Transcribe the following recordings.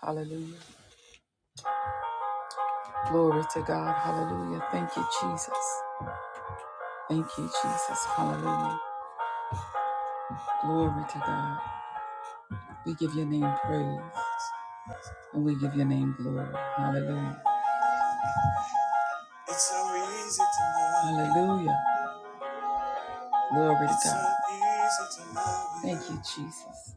Hallelujah. Glory to God. Hallelujah. Thank you, Jesus. Thank you, Jesus. Hallelujah. Glory to God. We give your name praise and we give your name glory. Hallelujah. It's so easy to love. Hallelujah. Glory to It's so God. So easy to love you. Thank you, Jesus.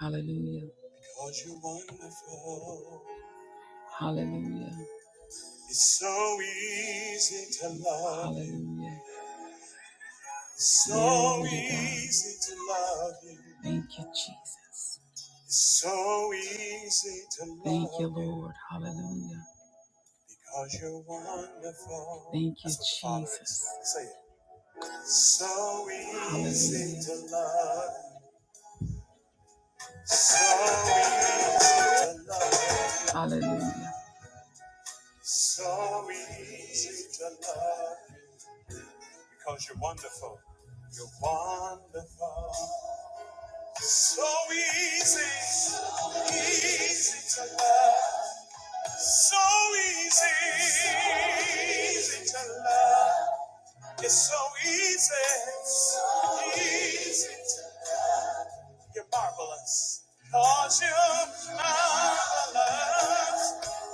Hallelujah. Because you're wonderful. Hallelujah. It's so easy to love. you. Hallelujah. You. It's So easy to love you. Thank you, Jesus. It's So easy to love you. Thank you, Lord. Hallelujah. Because you're wonderful. Thank you, Jesus. Say it. So easy Hallelujah. to love. So easy to love. Hallelujah. So easy to love. Because you're wonderful. You're wonderful. So easy, easy to love. So easy, easy to love. It's so easy, easy to You're marvelous, you you're marvelous.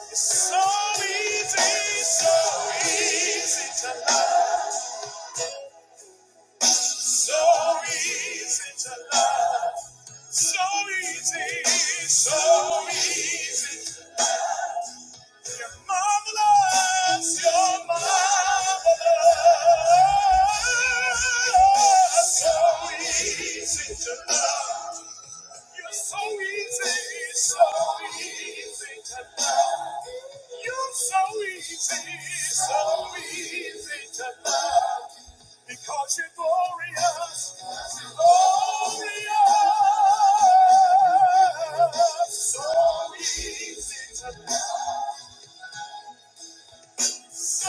It's so easy, so easy to love. So easy to love. So easy, so easy. You're Marvelous, you're marvelous. So easy to love. You're so easy, so easy to love. You're so easy, so easy to love. Because you're glorious, glorious. So easy to love. So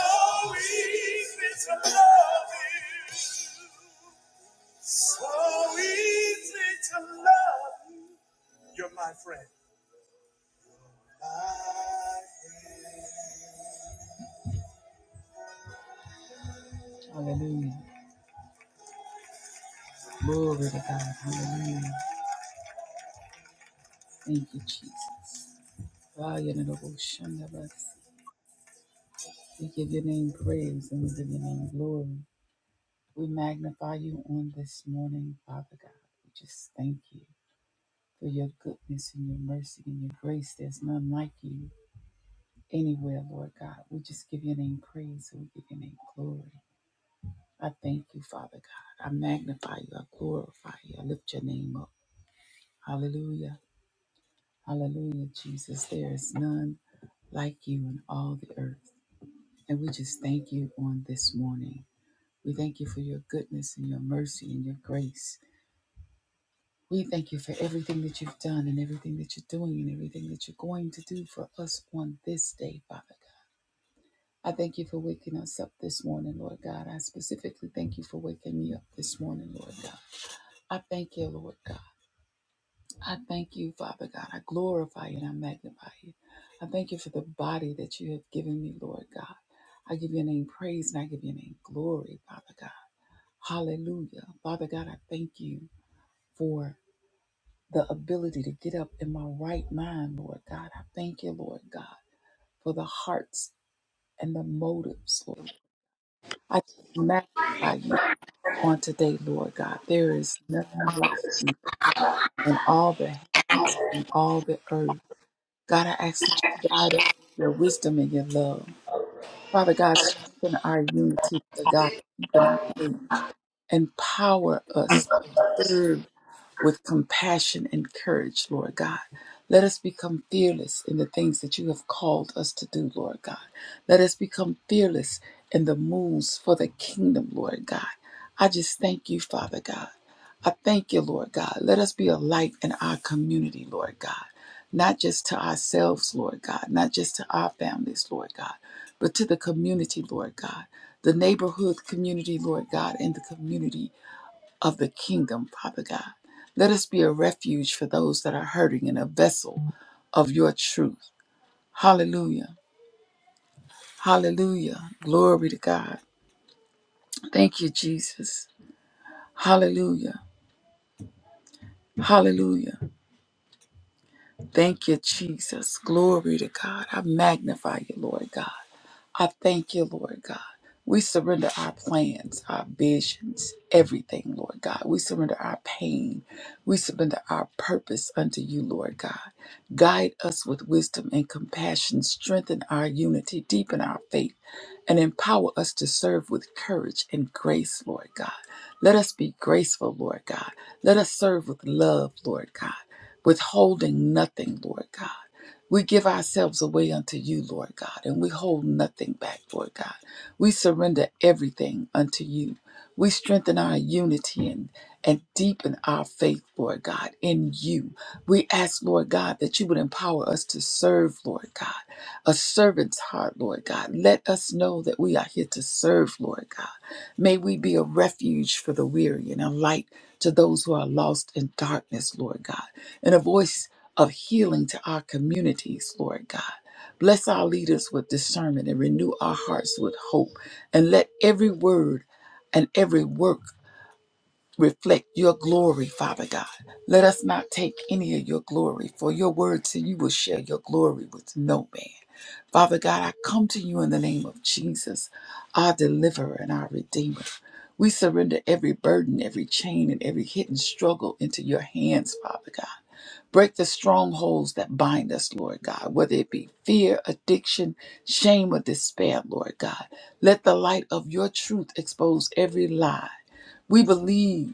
easy to love you. So easy to love you. You're my friend. My friend. Hallelujah. Glory to God. Hallelujah. Thank you, Jesus. Ah, you the ocean of us. We give your name praise and we give your name glory. We magnify you on this morning, Father God. We just thank you for your goodness and your mercy and your grace. There's none like you. anywhere, Lord God. We just give your name praise and we give your name glory. I thank you, Father God. I magnify you. I glorify you. I lift your name up. Hallelujah. Hallelujah, Jesus. There is none like you in all the earth. And we just thank you on this morning. We thank you for your goodness and your mercy and your grace. We thank you for everything that you've done and everything that you're doing and everything that you're going to do for us on this day, Father God. I thank you for waking us up this morning, Lord God. I specifically thank you for waking me up this morning, Lord God. I thank you, Lord God. I thank you, Father God. I glorify you and I magnify you. I thank you for the body that you have given me, Lord God. I give your name praise and I give your name glory, Father God. Hallelujah. Father God, I thank you for the ability to get up in my right mind, Lord God. I thank you, Lord God, for the hearts and the motives, Lord. I magnify you. on today, Lord God. There is nothing like you in all the heavens and all the earth. God, I ask that you guide us with your wisdom and your love. Father God, strengthen our unity, Lord God, keep in our faith. Empower us, to serve with compassion and courage, Lord God. Let us become fearless in the things that you have called us to do, Lord God. Let us become fearless in the moves for the kingdom, Lord God. I just thank you, Father God. I thank you, Lord God. Let us be a light in our community, Lord God. Not just to ourselves, Lord God, not just to our families, Lord God, but to the community, Lord God, the neighborhood community, Lord God, and the community of the kingdom, Father God. Let us be a refuge for those that are hurting and a vessel of your truth. Hallelujah. Hallelujah. Glory to God. Thank you, Jesus. Hallelujah. Hallelujah. Thank you, Jesus. Glory to God. I magnify you, Lord God. I thank you, Lord God. We surrender our plans, our visions, everything, Lord God. We surrender our pain. We surrender our purpose unto you, Lord God. Guide us with wisdom and compassion. Strengthen our unity, deepen our faith, and empower us to serve with courage and grace, Lord God. Let us be graceful, Lord God. Let us serve with love, Lord God, withholding nothing, Lord God. We give ourselves away unto you, Lord God, and we hold nothing back, Lord God. We surrender everything unto you. We strengthen our unity and, and deepen our faith, Lord God, in you. We ask, Lord God, that you would empower us to serve, Lord God, a servant's heart, Lord God. Let us know that we are here to serve, Lord God. May we be a refuge for the weary and a light to those who are lost in darkness, Lord God, and a voice of healing to our communities, Lord God. Bless our leaders with discernment and renew our hearts with hope. And let every word and every work reflect your glory, Father God. Let us not take any of your glory, for your word said you will share your glory with no man. Father God, I come to you in the name of Jesus, our deliverer and our redeemer. We surrender every burden, every chain, and every hidden struggle into your hands, Father God. Break the strongholds that bind us, Lord God, whether it be fear, addiction, shame, or despair, Lord God. Let the light of your truth expose every lie. We believe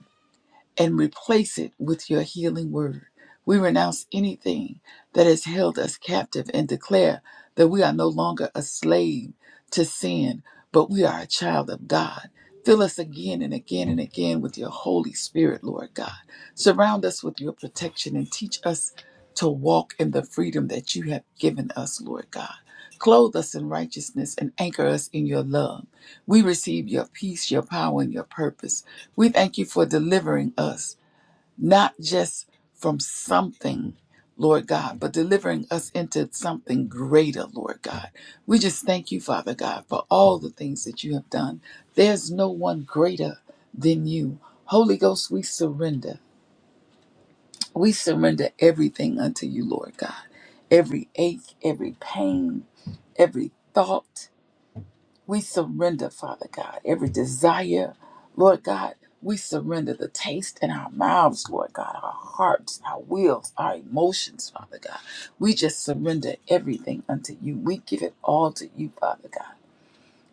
and replace it with your healing word. We renounce anything that has held us captive and declare that we are no longer a slave to sin, but we are a child of God. Fill us again and again and again with your Holy Spirit, Lord God. Surround us with your protection and teach us to walk in the freedom that you have given us, Lord God. Clothe us in righteousness and anchor us in your love. We receive your peace, your power, and your purpose. We thank you for delivering us, not just from something, Lord God, but delivering us into something greater, Lord God. We just thank you, Father God, for all the things that you have done. There's no one greater than you. Holy Ghost, we surrender. We surrender everything unto you, Lord God. Every ache, every pain, every thought, we surrender, Father God, every desire, Lord God. We surrender the taste in our mouths, Lord God, our hearts, our wills, our emotions, Father God. We just surrender everything unto you. We give it all to you, Father God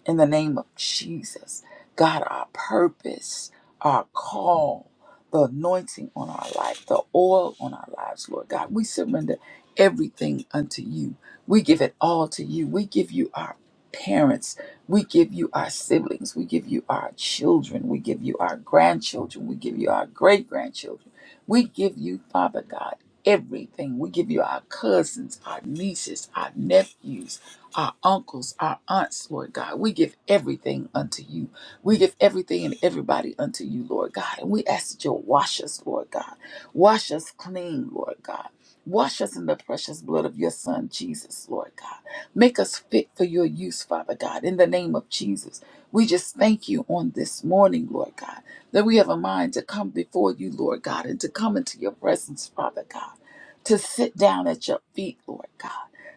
in the name of Jesus. God, our purpose, our call, the anointing on our life, the oil on our lives, Lord God, we surrender everything unto you. We give it all to you. We give you our parents. We give you our siblings. We give you our children. We give you our grandchildren. We give you our great grandchildren. We give you, Father God, everything. We give you our cousins, our nieces, our nephews our uncles, our aunts, Lord God. We give everything unto you. We give everything and everybody unto you, Lord God. And we ask that you'll wash us, Lord God. Wash us clean, Lord God. Wash us in the precious blood of your Son, Jesus, Lord God. Make us fit for your use, Father God, in the name of Jesus. We just thank you on this morning, Lord God, that we have a mind to come before you, Lord God, and to come into your presence, Father God, to sit down at your feet, Lord God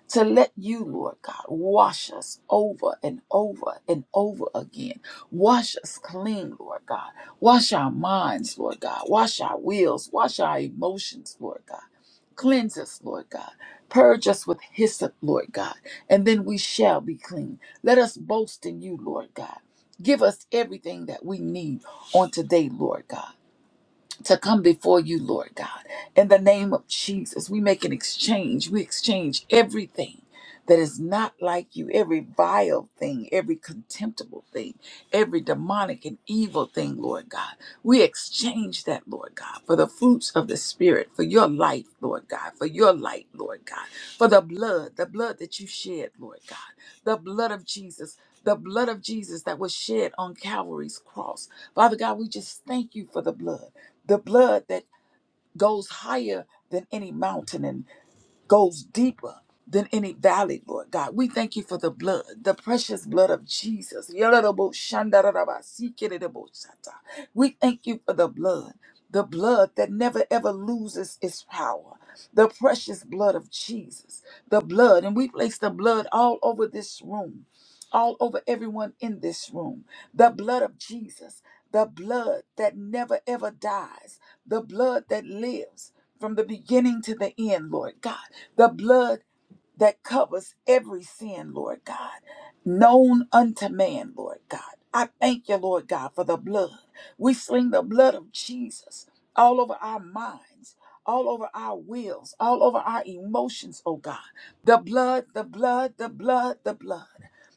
to let you, Lord God, wash us over and over and over again. Wash us clean, Lord God. Wash our minds, Lord God. Wash our wills. Wash our emotions, Lord God. Cleanse us, Lord God. Purge us with hyssop, Lord God, and then we shall be clean. Let us boast in you, Lord God. Give us everything that we need on today, Lord God to come before you, Lord God. In the name of Jesus, we make an exchange. We exchange everything that is not like you, every vile thing, every contemptible thing, every demonic and evil thing, Lord God. We exchange that, Lord God, for the fruits of the Spirit, for your life, Lord God, for your light, Lord God, for the blood, the blood that you shed, Lord God, the blood of Jesus. The blood of Jesus that was shed on Calvary's cross. Father God, we just thank you for the blood the blood that goes higher than any mountain and goes deeper than any valley, Lord God. We thank you for the blood, the precious blood of Jesus. yadadabo We thank you for the blood, the blood that never ever loses its power, the precious blood of Jesus, the blood. And we place the blood all over this room, all over everyone in this room, the blood of Jesus, the blood that never ever dies the blood that lives from the beginning to the end, Lord God, the blood that covers every sin, Lord God, known unto man, Lord God. I thank you, Lord God, for the blood. We sling the blood of Jesus all over our minds, all over our wills, all over our emotions, oh God. The blood, the blood, the blood, the blood,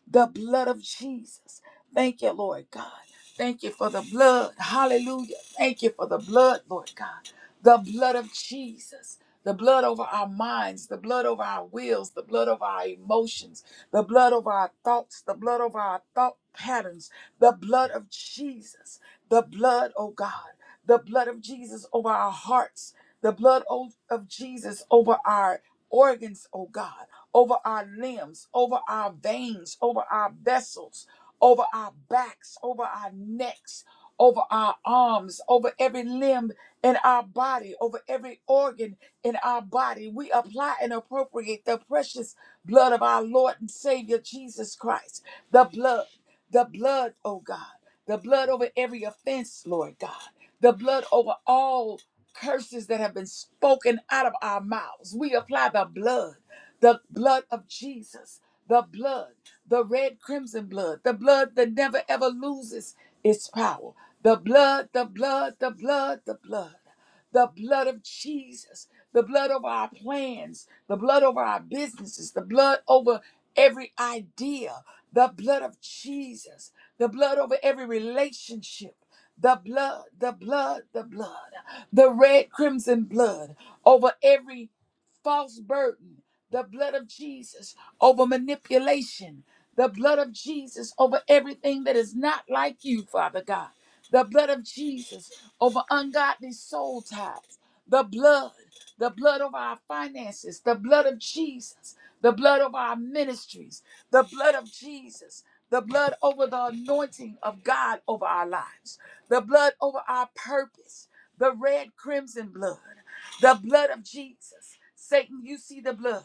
the blood of Jesus. Thank you, Lord God. Thank you for the blood. Hallelujah. Thank you for the blood, Lord God. The blood of Jesus. The blood over our minds, the blood over our wills, the blood over our emotions, the blood over our thoughts, the blood over our thought patterns, the blood of Jesus, the blood, oh God the blood of Jesus over our hearts, the blood o- of Jesus over our organs, oh God, over our limbs, over our veins, over our vessels, over our backs, over our necks, over our arms, over every limb in our body, over every organ in our body. We apply and appropriate the precious blood of our Lord and Savior Jesus Christ, the blood the blood, oh God, the blood over every offense, Lord God, the blood over all curses that have been spoken out of our mouths. We apply the blood, the blood of Jesus, the blood, the red crimson blood, the blood that never ever loses its power, the blood, the blood, the blood, the blood the blood of Jesus, the blood over our plans, the blood over our businesses, the blood over every idea, the blood of Jesus, the blood over every relationship. The blood, the blood, the blood, the red crimson blood over every false burden, the blood of Jesus over manipulation, the blood of Jesus over everything that is not like you, Father God, the blood of Jesus over ungodly soul ties, the blood, the blood over our finances, the blood of Jesus, the blood over our ministries, the blood of Jesus. The blood over the anointing of God over our lives, the blood over our purpose, the red crimson blood. The blood of Jesus. Satan, you see the blood.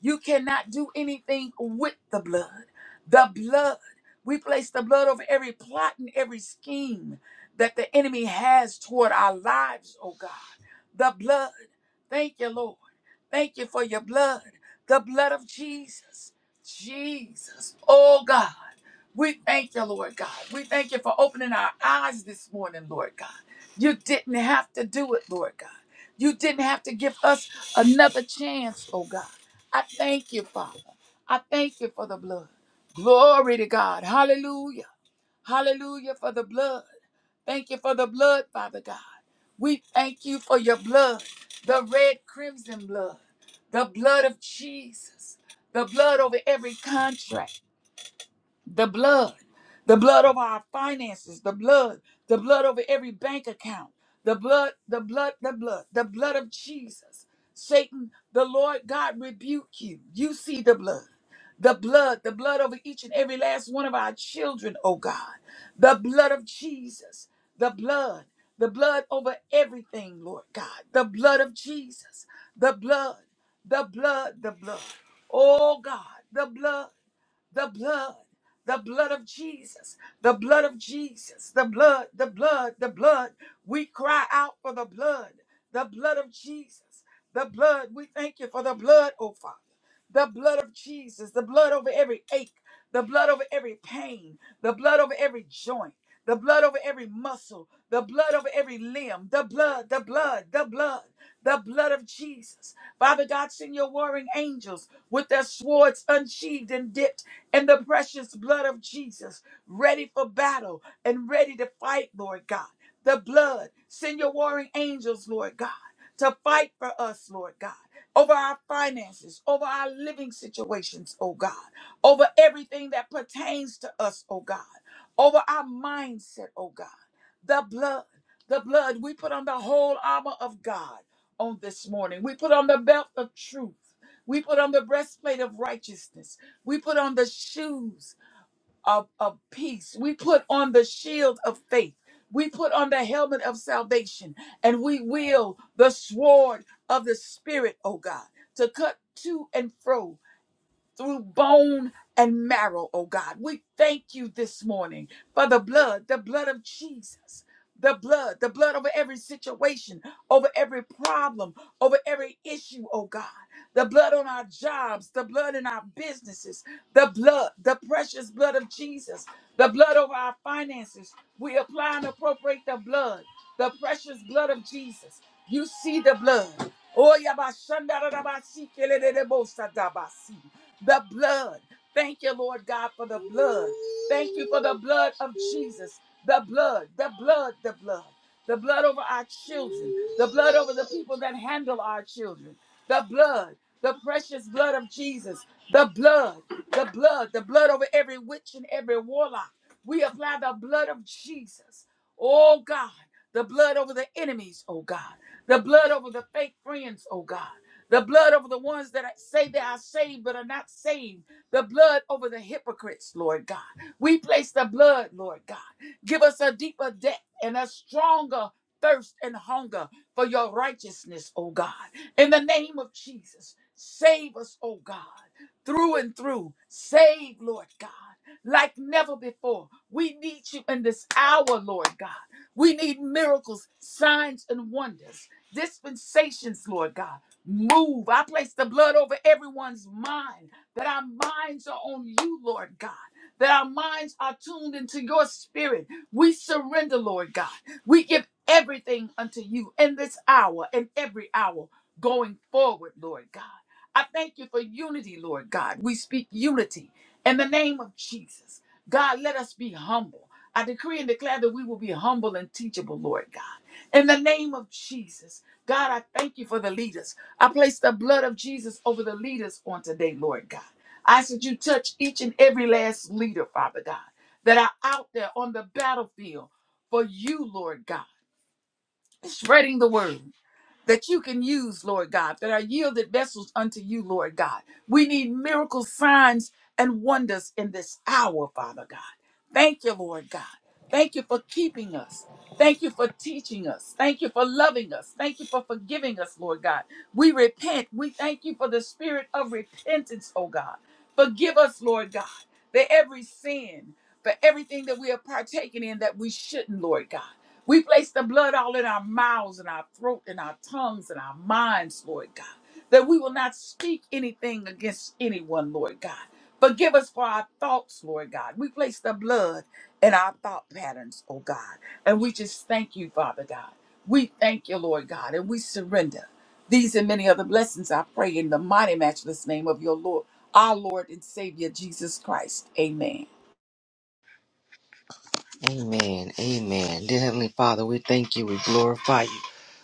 You cannot do anything with the blood. The blood. We place the blood over every plot and every scheme that the enemy has toward our lives, oh God. The blood. Thank you, Lord. Thank you for your blood. The blood of Jesus. Jesus. Oh God. We thank you, Lord God. We thank you for opening our eyes this morning, Lord God. You didn't have to do it, Lord God. You didn't have to give us another chance, oh God. I thank you, Father. I thank you for the blood. Glory to God. Hallelujah. Hallelujah for the blood. Thank you for the blood, Father God. We thank you for your blood, the red crimson blood, the blood of Jesus, the blood over every contract the blood, the blood over our finances, the blood, the blood over every bank account, the blood, the blood, the blood, the blood of Jesus. Satan, the Lord God rebuke you. You see the blood. The blood, the blood over each and every last one of our children, oh God. The blood of Jesus, the blood, the blood over everything, Lord God. The blood of Jesus, the blood, the blood, the blood. Oh God, the blood the blood, the blood of Jesus, the blood of Jesus, the blood, the blood, the blood. We cry out for the blood, the blood of Jesus, the blood. We thank you for the blood, oh Father, the blood of Jesus, the blood over every ache the blood over every pain, the blood over every joint, the blood over every muscle, the blood over every limb, the blood, the blood, the blood, the blood of Jesus. Father God, send your warring angels with their swords unsheathed and dipped in the precious blood of Jesus, ready for battle and ready to fight, Lord God. The blood, send your warring angels, Lord God, to fight for us, Lord God over our finances, over our living situations, oh God, over everything that pertains to us, oh God, over our mindset, oh God. The blood, the blood, we put on the whole armor of God on this morning. We put on the belt of truth. We put on the breastplate of righteousness. We put on the shoes of, of peace. We put on the shield of faith. We put on the helmet of salvation and we wield the sword of the Spirit, oh God, to cut to and fro through bone and marrow, oh God. We thank you this morning for the blood, the blood of Jesus the blood, the blood over every situation, over every problem, over every issue, oh God. The blood on our jobs, the blood in our businesses, the blood, the precious blood of Jesus, the blood over our finances. We apply and appropriate the blood, the precious blood of Jesus. You see the blood. Oh, yabashandarabasi, kelelelebosadabasi. The blood. Thank you, Lord God, for the blood. Thank you for the blood of Jesus. The blood, the blood, the blood. The blood over our children. The blood over the people that handle our children. The blood, the precious blood of Jesus. The blood, the blood, the blood over every witch and every warlock. We apply the blood of Jesus. Oh God, the blood over the enemies, oh God. The blood over the fake friends, oh God. The blood over the ones that say they are saved but are not saved. The blood over the hypocrites, Lord God. We place the blood, Lord God. Give us a deeper debt and a stronger thirst and hunger for your righteousness, oh God. In the name of Jesus, save us, oh God, through and through. Save, Lord God, like never before. We need you in this hour, Lord God. We need miracles, signs, and wonders, dispensations, Lord God. Move. I place the blood over everyone's mind that our minds are on you, Lord God. That our minds are tuned into your spirit. We surrender, Lord God. We give everything unto you in this hour and every hour going forward, Lord God. I thank you for unity, Lord God. We speak unity in the name of Jesus. God, let us be humble. I decree and declare that we will be humble and teachable, Lord God. In the name of Jesus, God, I thank you for the leaders. I place the blood of Jesus over the leaders on today, Lord God. I said you touch each and every last leader, Father God, that are out there on the battlefield for you, Lord God, spreading the word that you can use, Lord God, that are yielded vessels unto you, Lord God. We need miracle signs and wonders in this hour, Father God. Thank you, Lord God. Thank you for keeping us. Thank you for teaching us. Thank you for loving us. Thank you for forgiving us, Lord God. We repent. We thank you for the spirit of repentance, oh God. Forgive us, Lord God, for every sin, for everything that we are partaking in that we shouldn't, Lord God. We place the blood all in our mouths and our throat and our tongues and our minds, Lord God, that we will not speak anything against anyone, Lord God. Forgive us for our thoughts, Lord God. We place the blood in our thought patterns, oh God. And we just thank you, Father God. We thank you, Lord God, and we surrender. These and many other blessings I pray in the mighty matchless name of your Lord, our Lord and Savior Jesus Christ. Amen. Amen. Amen. Dear Heavenly Father, we thank you. We glorify you.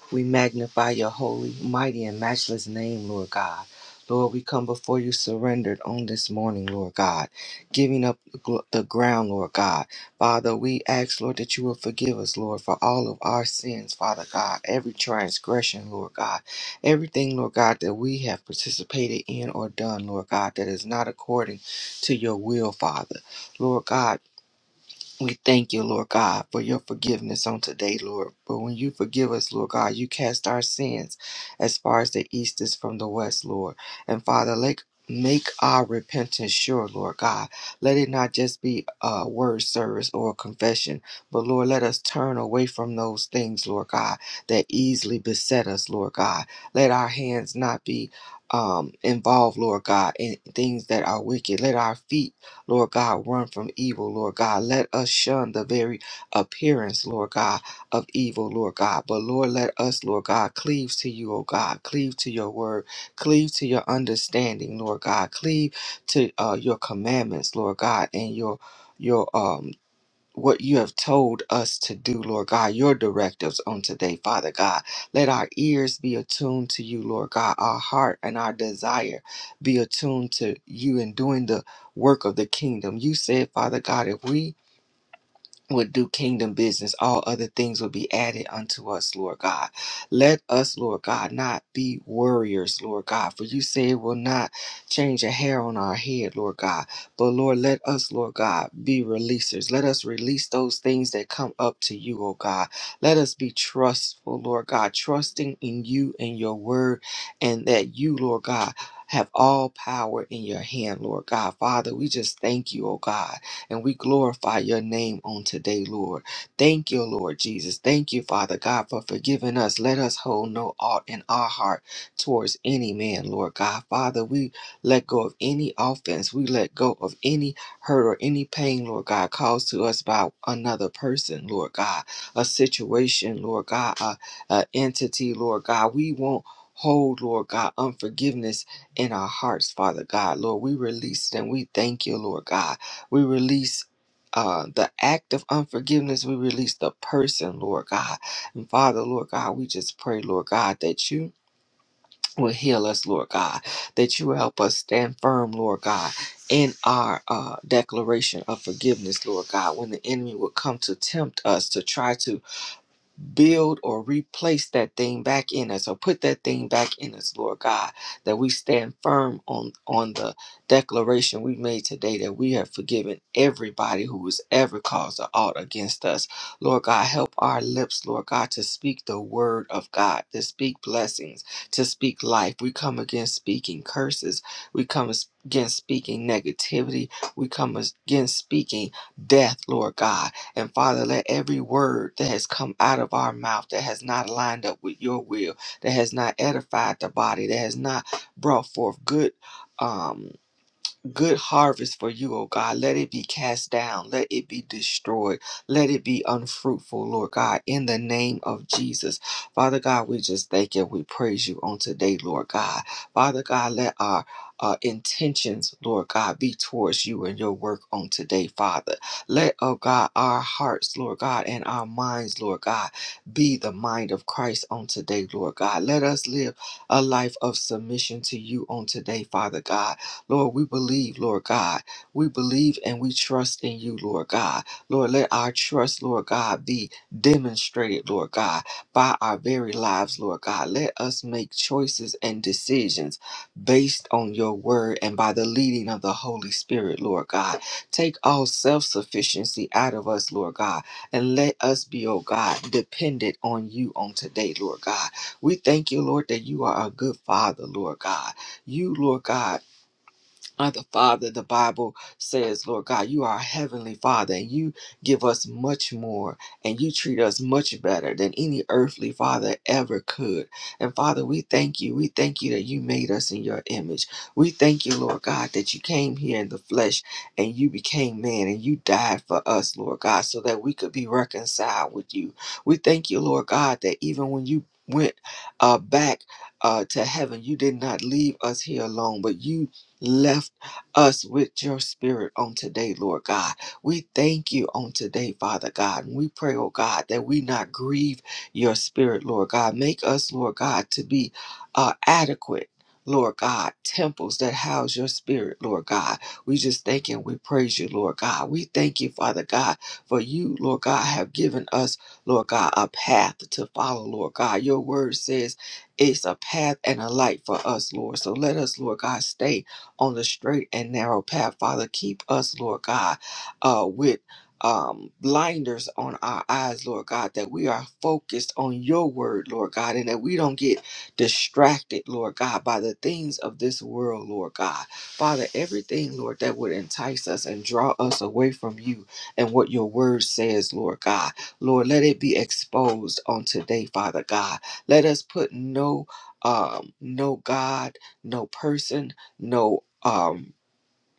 We magnify your holy, mighty, and matchless name, Lord God. Lord, we come before you surrendered on this morning, Lord God, giving up the gl- the ground, Lord God. Father, we ask, Lord, that you will forgive us, Lord, for all of our sins, Father God, every transgression, Lord God, everything, Lord God, that we have participated in or done, Lord God, that is not according to your will, Father. Lord God, we thank you, Lord God, for your forgiveness on today, Lord. But when you forgive us, Lord God, you cast our sins as far as the east is from the west, Lord. And Father, like Make our repentance sure, Lord God. Let it not just be a word service or a confession, but Lord, let us turn away from those things, Lord God, that easily beset us, Lord God. Let our hands not be um, involved, Lord God, in things that are wicked. Let our feet Lord God, run from evil, Lord God. Let us shun the very appearance, Lord God, of evil, Lord God. But Lord, let us, Lord God, cleave to you, O God, cleave to your word, cleave to your understanding, Lord God, cleave to uh, your commandments, Lord God, and your your um what you have told us to do, Lord God, your directives on today, Father God. Let our ears be attuned to you, Lord God, our heart and our desire be attuned to you in doing the work of the kingdom. You said, Father God, if we would do kingdom business, all other things would be added unto us, Lord God. Let us, Lord God, not be worriers, Lord God, for you say it will not change a hair on our head, Lord God. But Lord, let us, Lord God, be releasers. Let us release those things that come up to you, oh God. Let us be trustful, Lord God, trusting in you and your word, and that you, Lord God, have all power in your hand, Lord God. Father, we just thank you, oh God. And we glorify your name on today, Lord. Thank you, Lord Jesus. Thank you, Father God, for forgiving us. Let us hold no aught in our heart towards any man, Lord God. Father, we let go of any offense. We let go of any hurt or any pain, Lord God, caused to us by another person, Lord God, a situation, Lord God, a, a entity, Lord God. We won't hold, Lord God, unforgiveness in our hearts, Father God. Lord, we release them. We thank you, Lord God. We release uh, the act of unforgiveness. We release the person, Lord God. And Father, Lord God, we just pray, Lord God, that you will heal us, Lord God, that you will help us stand firm, Lord God. In our uh, declaration of forgiveness, Lord God, when the enemy will come to tempt us to try to build or replace that thing back in us or put that thing back in us, Lord God, that we stand firm on, on the declaration we made today that we have forgiven everybody who has ever caused an ought against us. Lord God, help our lips, Lord God, to speak the word of God, to speak blessings, to speak life. We come against speaking curses. We come against speaking negativity. We come against speaking death, Lord God. And Father, let every word that has come out of our mouth that has not lined up with your will, that has not edified the body, that has not brought forth good. um good harvest for you, oh God. Let it be cast down. Let it be destroyed. Let it be unfruitful, Lord God, in the name of Jesus. Father God, we just thank you. We praise you on today, Lord God. Father God, let our uh, intentions, Lord God, be towards you and your work on today, Father. Let, oh God, our hearts, Lord God, and our minds, Lord God, be the mind of Christ on today, Lord God. Let us live a life of submission to you on today, Father God Lord, we believe, Lord God. We believe and we trust in you, Lord God. Lord, let our trust, Lord God, be demonstrated, Lord God, by our very lives, Lord God. Let us make choices and decisions based on your word and by the leading of the Holy Spirit, Lord God. Take all self sufficiency out of us, Lord God, and let us be, oh God, dependent on you on today, Lord God. We thank you, Lord, that you are a good father, Lord God. You, Lord God, our Father, the Bible says, Lord God, you are our heavenly Father, and you give us much more, and you treat us much better than any earthly Father ever could. And Father, we thank you. We thank you that you made us in your image. We thank you, Lord God, that you came here in the flesh and you became man and you died for us, Lord God, so that we could be reconciled with you. We thank you, Lord God, that even when you went uh, back uh, to heaven, you did not leave us here alone, but you left us with your spirit on today, Lord God. We thank you on today, Father God. And we pray, oh God, that we not grieve your spirit, Lord God. Make us, Lord God, to be uh, adequate. Lord God, temples that house your spirit, Lord God. We just thank you and we praise you, Lord God. We thank you, Father God, for you, Lord God, have given us, Lord God, a path to follow, Lord God. Your word says it's a path and a light for us, Lord. So let us, Lord God, stay on the straight and narrow path. Father, keep us, Lord God, uh, with um, blinders on our eyes, Lord God, that we are focused on your word, Lord God, and that we don't get distracted, Lord God, by the things of this world, Lord God. Father, everything, Lord, that would entice us and draw us away from you and what your word says, Lord God. Lord, let it be exposed on today, Father God. Let us put no um no god no person, no um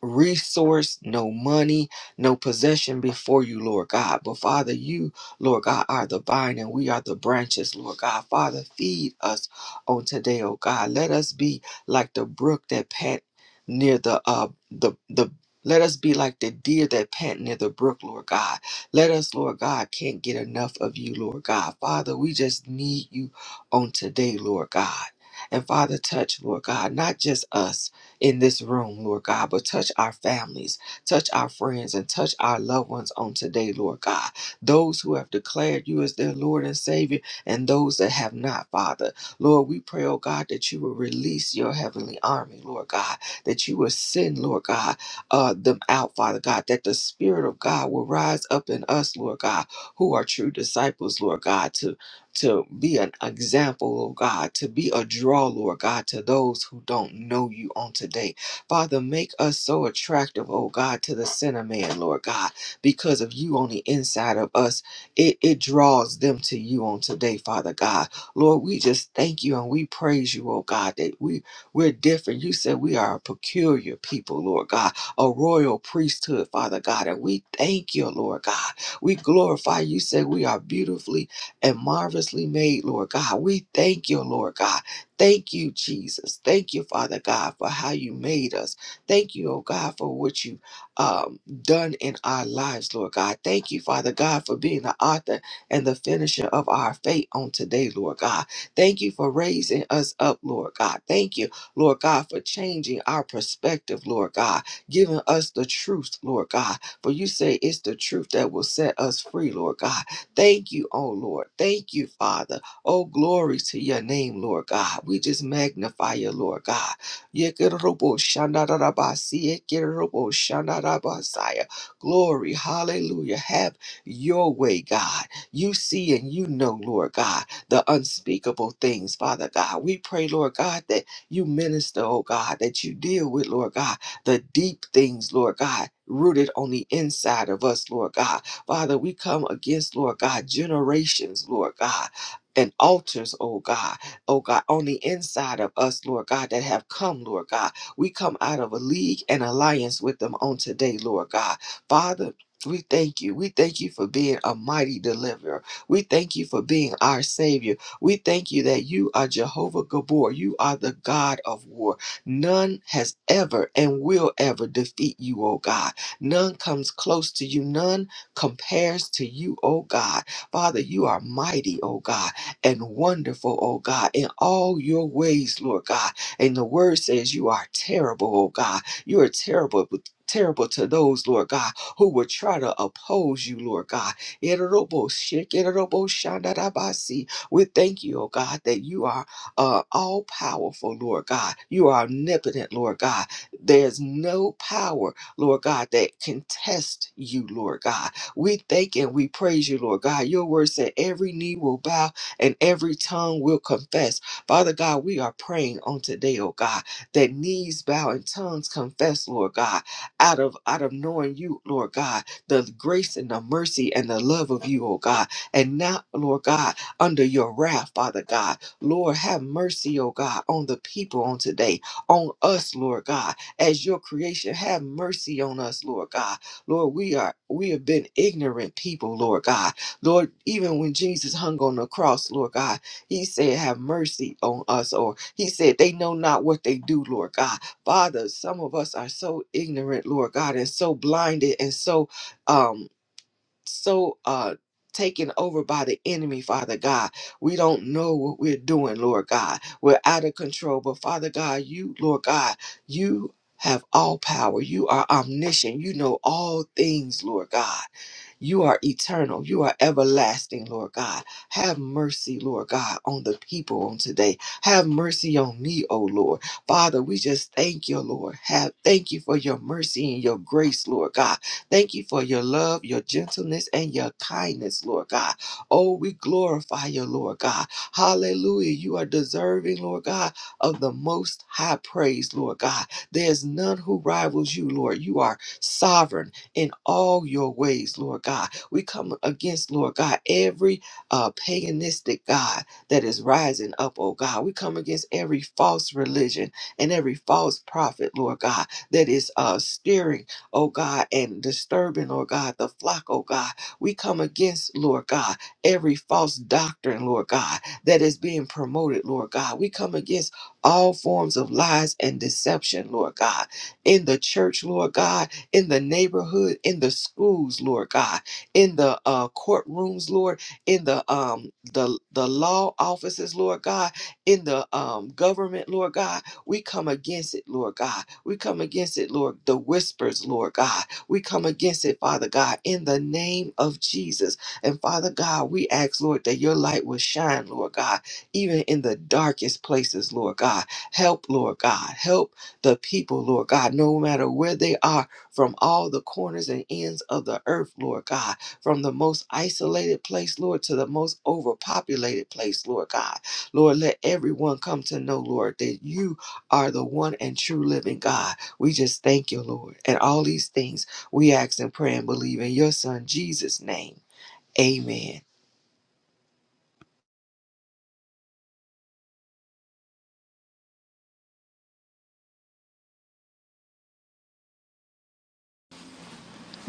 resource, no money, no possession before you, Lord God. But Father, you, Lord God, are the vine and we are the branches, Lord God. Father, feed us on today, oh God. Let us be like the brook that pant near the uh the the let us be like the deer that pant near the brook, Lord God. Let us, Lord God, can't get enough of you, Lord God. Father, we just need you on today, Lord God. And Father, touch, Lord God, not just us, in this room, Lord God, but touch our families, touch our friends, and touch our loved ones on today, Lord God. Those who have declared you as their Lord and Savior, and those that have not, Father. Lord, we pray, oh God, that you will release your heavenly army, Lord God, that you will send, Lord God, uh, them out, Father God, that the Spirit of God will rise up in us, Lord God, who are true disciples, Lord God, to to be an example, Lord God, to be a draw, Lord God, to those who don't know you on today. Father, make us so attractive, oh God, to the sinner man, Lord God, because of you on the inside of us. It, it draws them to you on today, Father God. Lord, we just thank you and we praise you, oh God, that we, we're different. You said we are a peculiar people, Lord God, a royal priesthood, Father God, and we thank you, Lord God. We glorify you, You said we are beautifully and marvelously made, Lord God. We thank you, Lord God. Thank you, Jesus. Thank you, Father God, for how you made us. Thank you, oh God, for what you've um, done in our lives, Lord God. Thank you, Father God, for being the author and the finisher of our faith on today, Lord God. Thank you for raising us up, Lord God. Thank you, Lord God, for changing our perspective, Lord God, giving us the truth, Lord God. For you say it's the truth that will set us free, Lord God. Thank you, oh Lord. Thank you, Father. Oh, glory to your name, Lord God. We just magnify you, Lord God. Yekeroboshandarabasi, yekeroboshandarabasaya. Glory, hallelujah. Have your way, God. You see and you know, Lord God, the unspeakable things, Father God. We pray, Lord God, that you minister, oh God, that you deal with, Lord God, the deep things, Lord God, rooted on the inside of us, Lord God. Father, we come against, Lord God, generations, Lord God. And altars, oh God, oh God, on the inside of us, Lord God, that have come, Lord God. We come out of a league and alliance with them on today, Lord God. Father, we thank you. We thank you for being a mighty deliverer. We thank you for being our Savior. We thank you that you are Jehovah Gabor. You are the God of war. None has ever and will ever defeat you, oh God. None comes close to you. None compares to you, O God. Father, you are mighty, O God, and wonderful, O God, in all your ways, Lord God. And the word says you are terrible, O God. You are terrible. But Terrible to those, Lord God, who would try to oppose you, Lord God. We thank you, O God, that you are uh, all powerful, Lord God. You are omnipotent, Lord God. There's no power, Lord God, that can test you, Lord God. We thank and we praise you, Lord God. Your word said every knee will bow and every tongue will confess. Father God, we are praying on today, oh God, that knees bow and tongues confess, Lord God, out of out of knowing you, Lord God, the grace and the mercy and the love of you, oh God. And now, Lord God, under your wrath, Father God, Lord, have mercy, oh God, on the people on today, on us, Lord God, as your creation. Have mercy on us, Lord God Lord, we are we have been ignorant people, Lord God. Lord, even when Jesus hung on the cross, Lord God, he said, Have mercy on us, or he said, They know not what they do, Lord God. Father, some of us are so ignorant, Lord God, and so blinded and so um so uh taken over by the enemy, Father God. We don't know what we're doing, Lord God. We're out of control. But Father God, you, Lord God, you have all power. You are omniscient. You know all things, Lord God. You are eternal. You are everlasting, Lord God. Have mercy, Lord God, on the people on today. Have mercy on me, O Lord. Father, we just thank you, Lord. Have thank you for your mercy and your grace, Lord God. Thank you for your love, your gentleness, and your kindness, Lord God. Oh, we glorify you, Lord God. Hallelujah. You are deserving, Lord God, of the most high praise, Lord God. There's none who rivals you, Lord. You are sovereign in all your ways, Lord God. We come against, Lord God, every uh, paganistic God that is rising up, oh God. We come against every false religion and every false prophet, Lord God, that is uh, steering, oh God, and disturbing, Lord God, the flock, oh God. We come against, Lord God, every false doctrine, Lord God, that is being promoted, Lord God. We come against all forms of lies and deception, Lord God, in the church, Lord God in the neighborhood, in the schools, Lord God, in the uh, courtrooms, Lord, in the um the the law offices, Lord God, in the um government, Lord God. We come against it, Lord God. We come against it, Lord. The whispers, Lord God. We come against it, Father God, in the name of Jesus. And Father God, we ask, Lord, that your light will shine, Lord God, even in the darkest places, Lord God. Help, Lord God. Help the people, Lord God, no matter where they are from all the corners and ends of the earth, Lord God, from the most isolated place, Lord, to the most overpopulated place, Lord God. Lord, let everyone come to know, Lord, that you are the one and true living God. We just thank you, Lord. And all these things we ask and pray and believe in your Son, Jesus' name. Amen.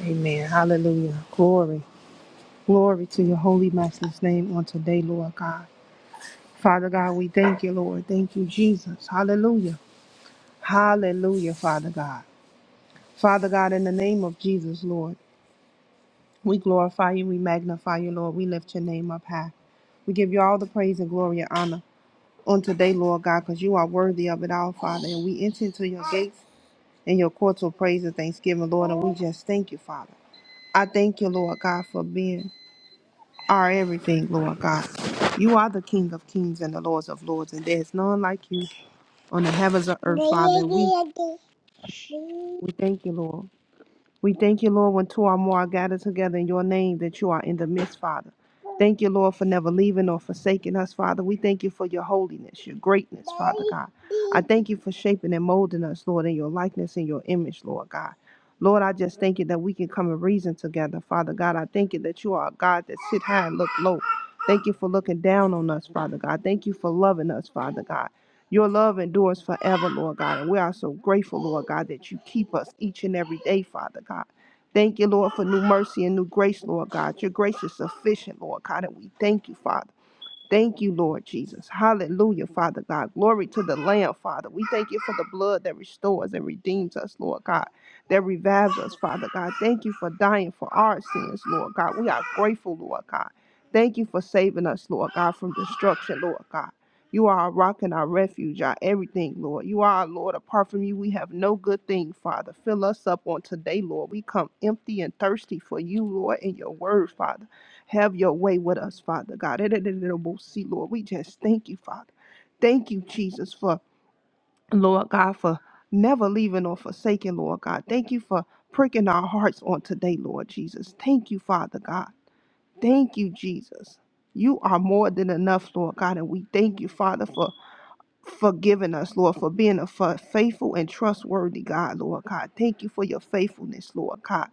Amen. Hallelujah. Glory. Glory to your holy master's name on today, Lord God. Father God, we thank you, Lord. Thank you, Jesus. Hallelujah. Hallelujah, Father God. Father God, in the name of Jesus, Lord, we glorify you. We magnify you, Lord. We lift your name up high. We give you all the praise and glory and honor on today, Lord God, because you are worthy of it all, Father. And we enter into your gates and your courts of praise and thanksgiving, Lord. And we just thank you, Father. I thank you, Lord God, for being are everything, Lord God. You are the King of kings and the Lords of lords, and there is none like you on the heavens of earth, Father. We, we thank you, Lord. We thank you, Lord, when two or more are gathered together in your name, that you are in the midst, Father. Thank you, Lord, for never leaving or forsaking us, Father. We thank you for your holiness, your greatness, Father God. I thank you for shaping and molding us, Lord, in your likeness and your image, Lord God. Lord, I just thank you that we can come and reason together, Father God. I thank you that you are a God that sit high and look low. Thank you for looking down on us, Father God. Thank you for loving us, Father God. Your love endures forever, Lord God. And we are so grateful, Lord God, that you keep us each and every day, Father God. Thank you, Lord, for new mercy and new grace, Lord God. Your grace is sufficient, Lord God, and we thank you, Father. Thank you, Lord Jesus. Hallelujah, Father God. Glory to the Lamb, Father. We thank you for the blood that restores and redeems us, Lord God, that revives us, Father God. Thank you for dying for our sins, Lord God. We are grateful, Lord God. Thank you for saving us, Lord God, from destruction, Lord God. You are our rock and our refuge, our everything, Lord. You are our Lord. Apart from you, we have no good thing, Father. Fill us up on today, Lord. We come empty and thirsty for you, Lord, and your word, Father. Have your way with us, Father God. See, Lord, we just thank you, Father. Thank you, Jesus, for Lord God, for never leaving or forsaking, Lord God. Thank you for pricking our hearts on today, Lord Jesus. Thank you, Father God. Thank you, Jesus. You are more than enough, Lord God, and we thank you, Father, for forgiving us, Lord, for being a fa- faithful and trustworthy God, Lord God. Thank you for your faithfulness, Lord God.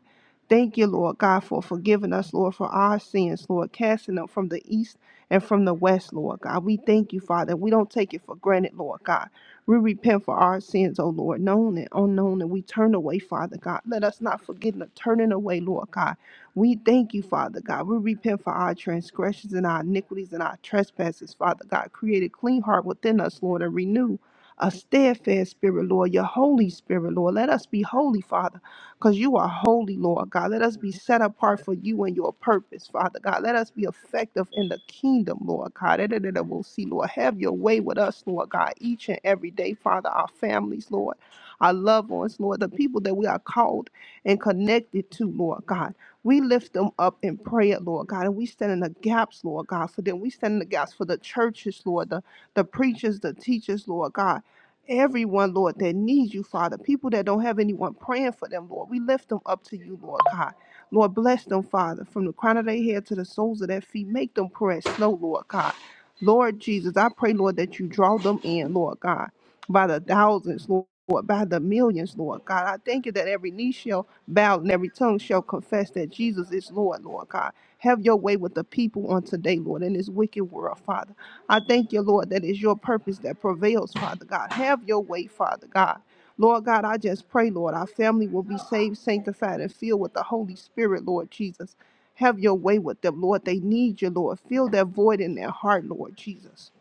Thank you, Lord God, for forgiving us, Lord, for our sins, Lord, casting them from the east and from the west, Lord God. We thank you, Father. We don't take it for granted, Lord God. We repent for our sins, O Lord, known and unknown, and we turn away, Father God. Let us not forget the turning away, Lord God. We thank you, Father God. We repent for our transgressions and our iniquities and our trespasses, Father God. Create a clean heart within us, Lord, and renew a steadfast spirit, Lord, your Holy Spirit, Lord. Let us be holy, Father, because you are holy, Lord God. Let us be set apart for you and your purpose, Father God. Let us be effective in the kingdom, Lord God. Da- da- da- da- We'll see, Lord. Have your way with us, Lord God, each and every day, Father, our families, Lord, our loved ones, Lord, the people that we are called and connected to, Lord God. We lift them up in prayer, Lord God, and we stand in the gaps, Lord God, for them. We stand in the gaps for the churches, Lord, the, the preachers, the teachers, Lord God. Everyone, Lord, that needs you, Father. People that don't have anyone praying for them, Lord. We lift them up to you, Lord God. Lord, bless them, Father, from the crown of their head to the soles of their feet. Make them press slow, Lord God. Lord Jesus, I pray, Lord, that you draw them in, Lord God, by the thousands, Lord, by the millions, Lord God. I thank you that every knee shall bowed and every tongue shall confess that Jesus is Lord, Lord God. Have your way with the people on today, Lord, in this wicked world, Father. I thank you, Lord, that it's your purpose that prevails, Father God. Have your way, Father God. Lord God, I just pray, Lord, our family will be saved, sanctified, and filled with the Holy Spirit, Lord Jesus. Have your way with them, Lord. They need you, Lord. Fill that void in their heart, Lord Jesus.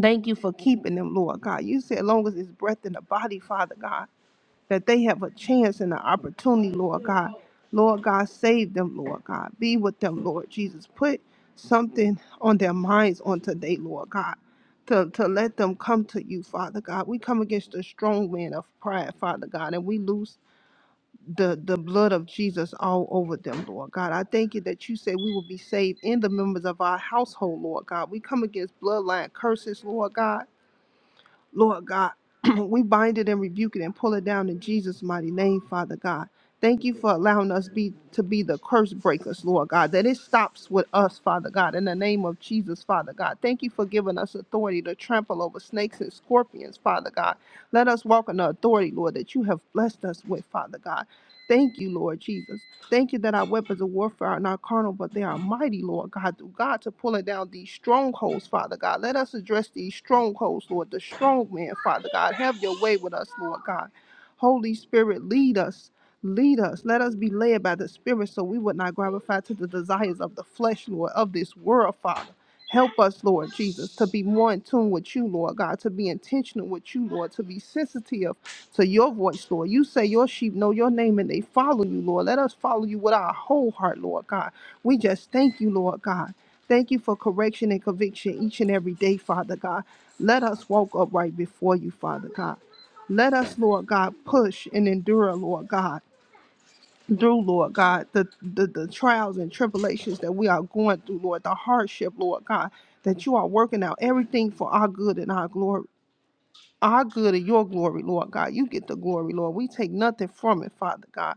Thank you for keeping them, Lord God. You said, long as it's breath in the body, Father God that they have a chance and an opportunity, Lord God. Lord God, save them, Lord God. Be with them, Lord Jesus. Put something on their minds on today, Lord God, to, to let them come to you, Father God. We come against the strong man of pride, Father God, and we lose the, the blood of Jesus all over them, Lord God. I thank you that you say we will be saved in the members of our household, Lord God. We come against bloodline curses, Lord God. Lord God, we bind it and rebuke it and pull it down in Jesus' mighty name, Father God. Thank you for allowing us be to be the curse breakers, Lord God. That it stops with us, Father God, in the name of Jesus, Father God. Thank you for giving us authority to trample over snakes and scorpions, Father God. Let us walk in the authority, Lord, that you have blessed us with, Father God. Thank you, Lord Jesus. Thank you that our weapons of warfare are not carnal, but they are mighty, Lord God, through God to pulling down these strongholds, Father God. Let us address these strongholds, Lord, the strong man, Father God. Have your way with us, Lord God. Holy Spirit, lead us. Lead us. Let us be led by the Spirit so we would not gratify to the desires of the flesh, Lord, of this world, Father. Help us, Lord Jesus, to be more in tune with you, Lord God, to be intentional with you, Lord, to be sensitive to your voice, Lord. You say your sheep know your name and they follow you, Lord. Let us follow you with our whole heart, Lord God. We just thank you, Lord God. Thank you for correction and conviction each and every day, Father God. Let us walk upright before you, Father God. Let us, Lord God, push and endure, Lord God. Through Lord God, the, the the trials and tribulations that we are going through, Lord, the hardship, Lord God, that you are working out everything for our good and our glory our good and your glory, Lord God. You get the glory, Lord. We take nothing from it, Father God.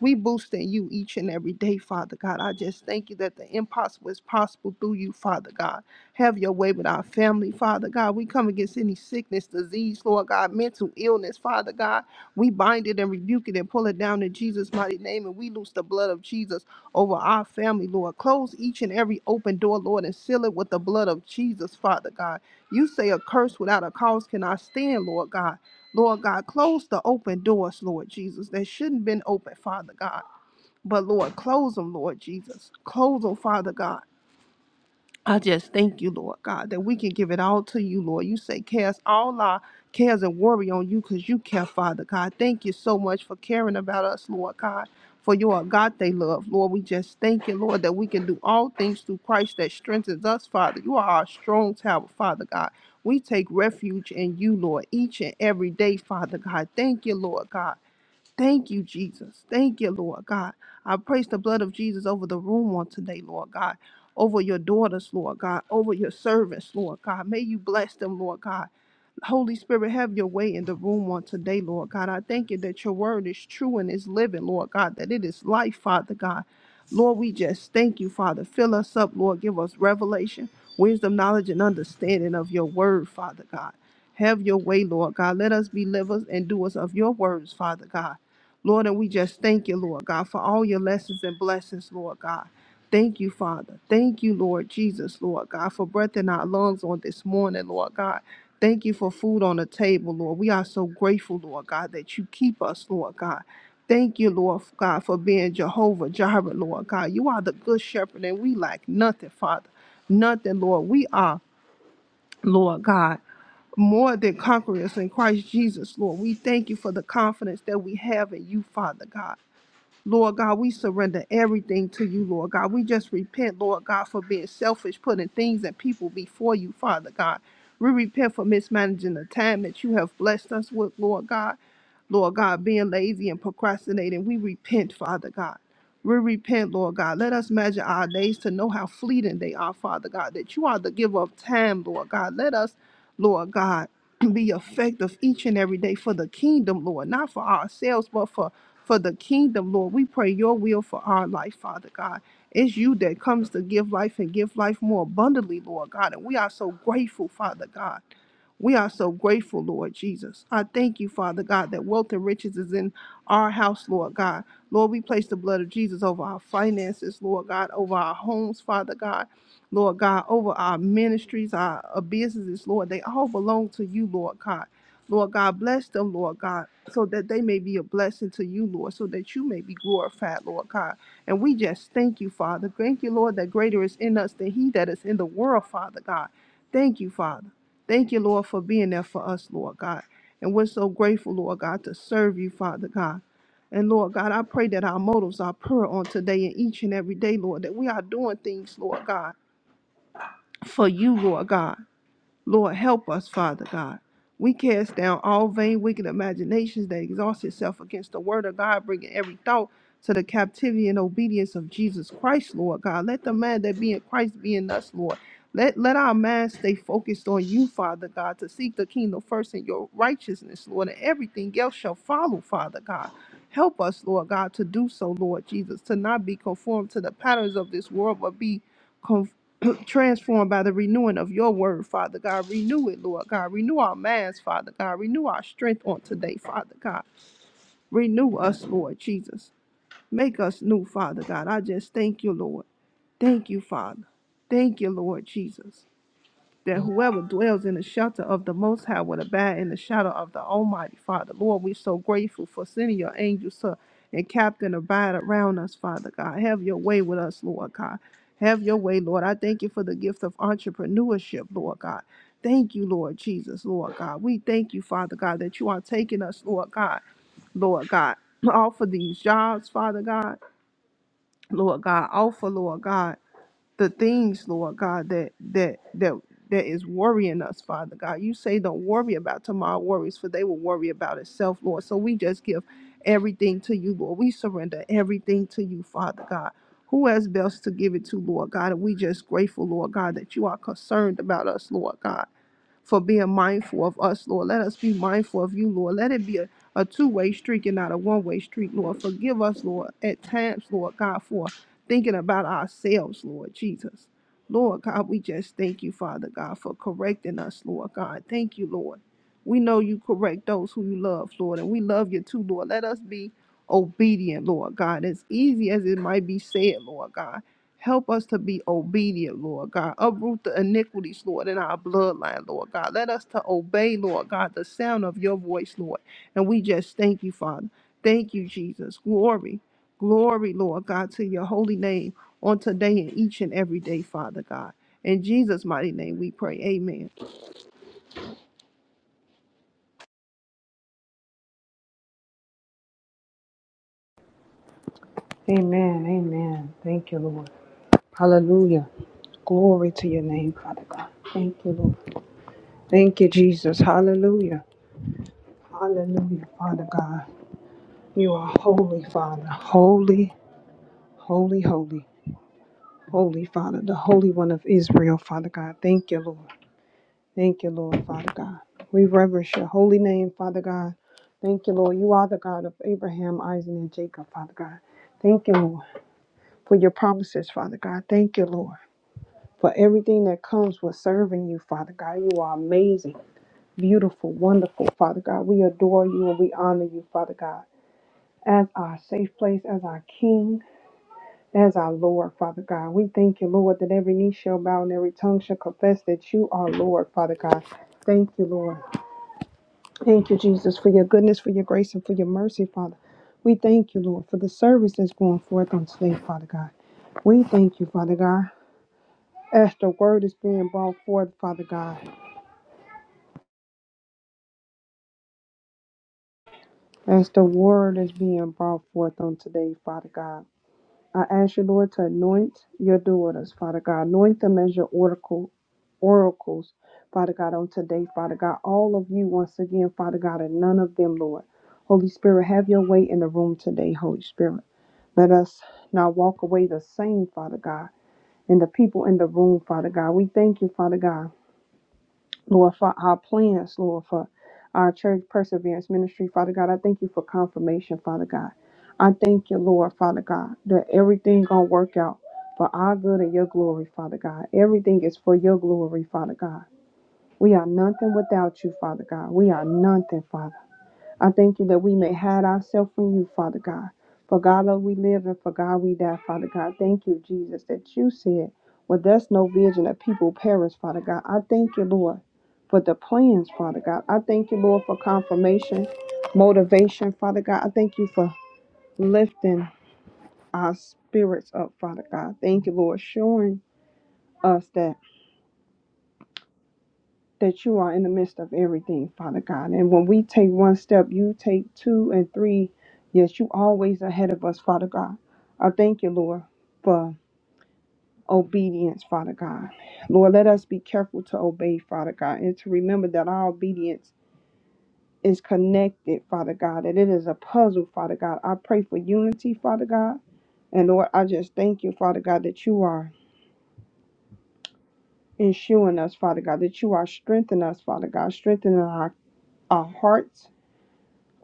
We boosting you each and every day, Father God. I just thank you that the impossible is possible through you, Father God. Have your way with our family, Father God. We come against any sickness, disease, Lord God, mental illness, Father God. We bind it and rebuke it and pull it down in Jesus' mighty name. And we loose the blood of Jesus over our family, Lord. Close each and every open door, Lord, and seal it with the blood of Jesus, Father God. You say a curse without a cause cannot stand, Lord God. Lord God, close the open doors, Lord Jesus, that shouldn't have been open, Father God. But Lord, close them, Lord Jesus. Close them, Father God. I just thank you, Lord God, that we can give it all to you, Lord. You say cast all our cares and worry on you because you care, Father God. Thank you so much for caring about us, Lord God, for your agape love, Lord. We just thank you, Lord, that we can do all things through Christ that strengthens us, Father. You are our strong tower, Father God. We take refuge in you, Lord, each and every day, Father God. Thank you, Lord God. Thank you, Jesus. Thank you, Lord God. I praise the blood of Jesus over the room on today, Lord God. Over your daughters, Lord God. Over your servants, Lord God. May you bless them, Lord God. Holy Spirit, have your way in the room on today, Lord God. I thank you that your word is true and is living, Lord God, that it is life, Father God. Lord, we just thank you, Father. Fill us up, Lord. Give us revelation, wisdom, knowledge, and understanding of your word, Father God. Have your way, Lord God. Let us be livers and doers of your words, Father God. Lord, and we just thank you, Lord God, for all your lessons and blessings, Lord God. Thank you, Father. Thank you, Lord Jesus, Lord God, for breath in our lungs on this morning, Lord God. Thank you for food on the table, Lord. We are so grateful, Lord God, that you keep us, Lord God. Thank you, Lord God, for being Jehovah Jireh, Lord God. You are the good shepherd, and we lack nothing, Father. Nothing, Lord. We are, Lord God, more than conquerors in Christ Jesus, Lord. We thank you for the confidence that we have in you, Father God. Lord God, we surrender everything to you, Lord God. We just repent, Lord God, for being selfish, putting things and people before you, Father God. We repent for mismanaging the time that you have blessed us with, Lord God. Lord God, being lazy and procrastinating. We repent, Father God. We repent, Lord God. Let us measure our days to know how fleeting they are, Father God, that you are the giver of time, Lord God. Let us, Lord God, be effective each and every day for the kingdom, Lord, not for ourselves, but for for the kingdom, Lord. We pray your will for our life, Father God. It's you that comes to give life and give life more abundantly, Lord God. And we are so grateful, Father God. We are so grateful, Lord Jesus. I thank you, Father God, that wealth and riches is in our house, Lord God. Lord, we place the blood of Jesus over our finances, Lord God, over our homes, Father God. Lord God, over our ministries, our, our businesses, Lord. They all belong to you, Lord God. Lord God, bless them, Lord God so that they may be a blessing to you, Lord, so that you may be glorified, Lord God. And we just thank you, Father. Thank you, Lord, that greater is in us than he that is in the world, Father God. Thank you, Father. Thank you, Lord, for being there for us, Lord God. And we're so grateful, Lord God, to serve you, Father God. And Lord God, I pray that our motives are pure on today and each and every day, Lord, that we are doing things, Lord God, for you, Lord God. Lord, help us, Father God. We cast down all vain, wicked imaginations that exhaust itself against the word of God, bringing every thought to the captivity and obedience of Jesus Christ, Lord God. Let the man that be in Christ be in us, Lord. Let, let our minds stay focused on you, Father God, to seek the kingdom first and your righteousness, Lord, and everything else shall follow, Father God. Help us, Lord God, to do so, Lord Jesus, to not be conformed to the patterns of this world, but be transformed by the renewing of your word, Father God. Renew it, Lord God. Renew our minds, Father God. Renew our strength on today, Father God. Renew us, Lord Jesus. Make us new, Father God. I just thank you, Lord. Thank you, Father. Thank you, Lord Jesus that whoever dwells in the shelter of the Most High will abide in the shadow of the Almighty Father. Lord, we're so grateful for sending your angels to encamp and captain abide around us, Father God. Have your way with us, Lord God. Have your way, Lord. I thank you for the gift of entrepreneurship, Lord God. Thank you, Lord Jesus, Lord God. We thank you, Father God, that you are taking us, Lord God, Lord God. Offer these jobs, Father God, Lord God. Offer, Lord God the things, Lord God, that that that that is worrying us, Father God. You say don't worry about tomorrow worries, for they will worry about itself, Lord. So we just give everything to you, Lord. We surrender everything to you, Father God. Who has best to give it to, Lord God? And we just grateful, Lord God, that you are concerned about us, Lord God for being mindful of us, Lord. Let us be mindful of you, Lord. Let it be a, a two way street and not a one way street, Lord. Forgive us, Lord, at times, Lord God, for thinking about ourselves, Lord Jesus. Lord God, we just thank you, Father God, for correcting us, Lord God. Thank you, Lord. We know you correct those who you love, Lord, and we love you too, Lord. Let us be obedient, Lord God, as easy as it might be said, Lord God. Help us to be obedient, Lord God. Uproot the iniquities, Lord, in our bloodline, Lord God. Let us to obey, Lord God, the sound of your voice, Lord. And we just thank you, Father. Thank you, Jesus. Glory, glory, Lord God, to your holy name on today and each and every day, Father God. In Jesus' mighty name we pray. Amen. Amen. Amen. Thank you, Lord. Hallelujah. Glory to your name, Father God. Thank you, Lord. Thank you, Jesus. Hallelujah. Hallelujah, Father God. You are holy, Father. Holy, holy, holy. Holy, Father, the Holy One of Israel, Father God. Thank you, Lord. Thank you, Lord, Father God. We reverence your holy name, Father God. Thank you, Lord. You are the God of Abraham, Isaac, and Jacob, Father God. Thank you, Lord, for your promises, Father God. Thank you, Lord. for everything that comes with serving you, Father God. You are amazing, beautiful, wonderful, Father God. We adore you and we honor you, Father God, as our safe place, as our King, as our Lord, Father God. We thank you, Lord, that every knee shall bow and every tongue shall confess that you are Lord, Father God. Thank you, Lord. Thank you, Jesus, for your goodness, for your grace, and for your mercy, Father. We thank you, Lord, for the service that's going forth on today, Father God. We thank you, Father God, as the word is being brought forth, Father God. As the word is being brought forth on today, Father God, I ask you, Lord, to anoint your daughters, Father God. Anoint them as your oracle, oracles, Father God, on today, Father God. All of you, once again, Father God, and none of them, Lord. Holy Spirit, have your way in the room today, Holy Spirit. Let us not walk away the same, Father God, and the people in the room, Father God. We thank you, Father God. Lord, for our plans, Lord, for our church perseverance ministry, Father God. I thank you for confirmation, Father God. I thank you, Lord, Father God, that everything gonna work out for our good and your glory, Father God. Everything is for your glory, Father God. We are nothing without you, Father God. We are nothing, Father. I thank you that we may hide ourselves from you, Father God. For God, Lord, we live and for God we die, Father God. Thank you, Jesus, that you said, well, there's no vision that people perish, Father God. I thank you, Lord, for the plans, Father God. I thank you, Lord, for confirmation, motivation, Father God. I thank you for lifting our spirits up, Father God. Thank you, Lord, showing us that. that you are in the midst of everything, Father God. And when we take one step, you take two and three. Yes, you always ahead of us, Father God. I thank you, Lord, for obedience, Father God. Lord, let us be careful to obey, Father God, and to remember that our obedience is connected, Father God, that it is a puzzle, Father God. I pray for unity, Father God. And Lord, I just thank you, Father God, that you are ensuring us, Father God, that you are strengthening us, Father God, strengthening our, our hearts,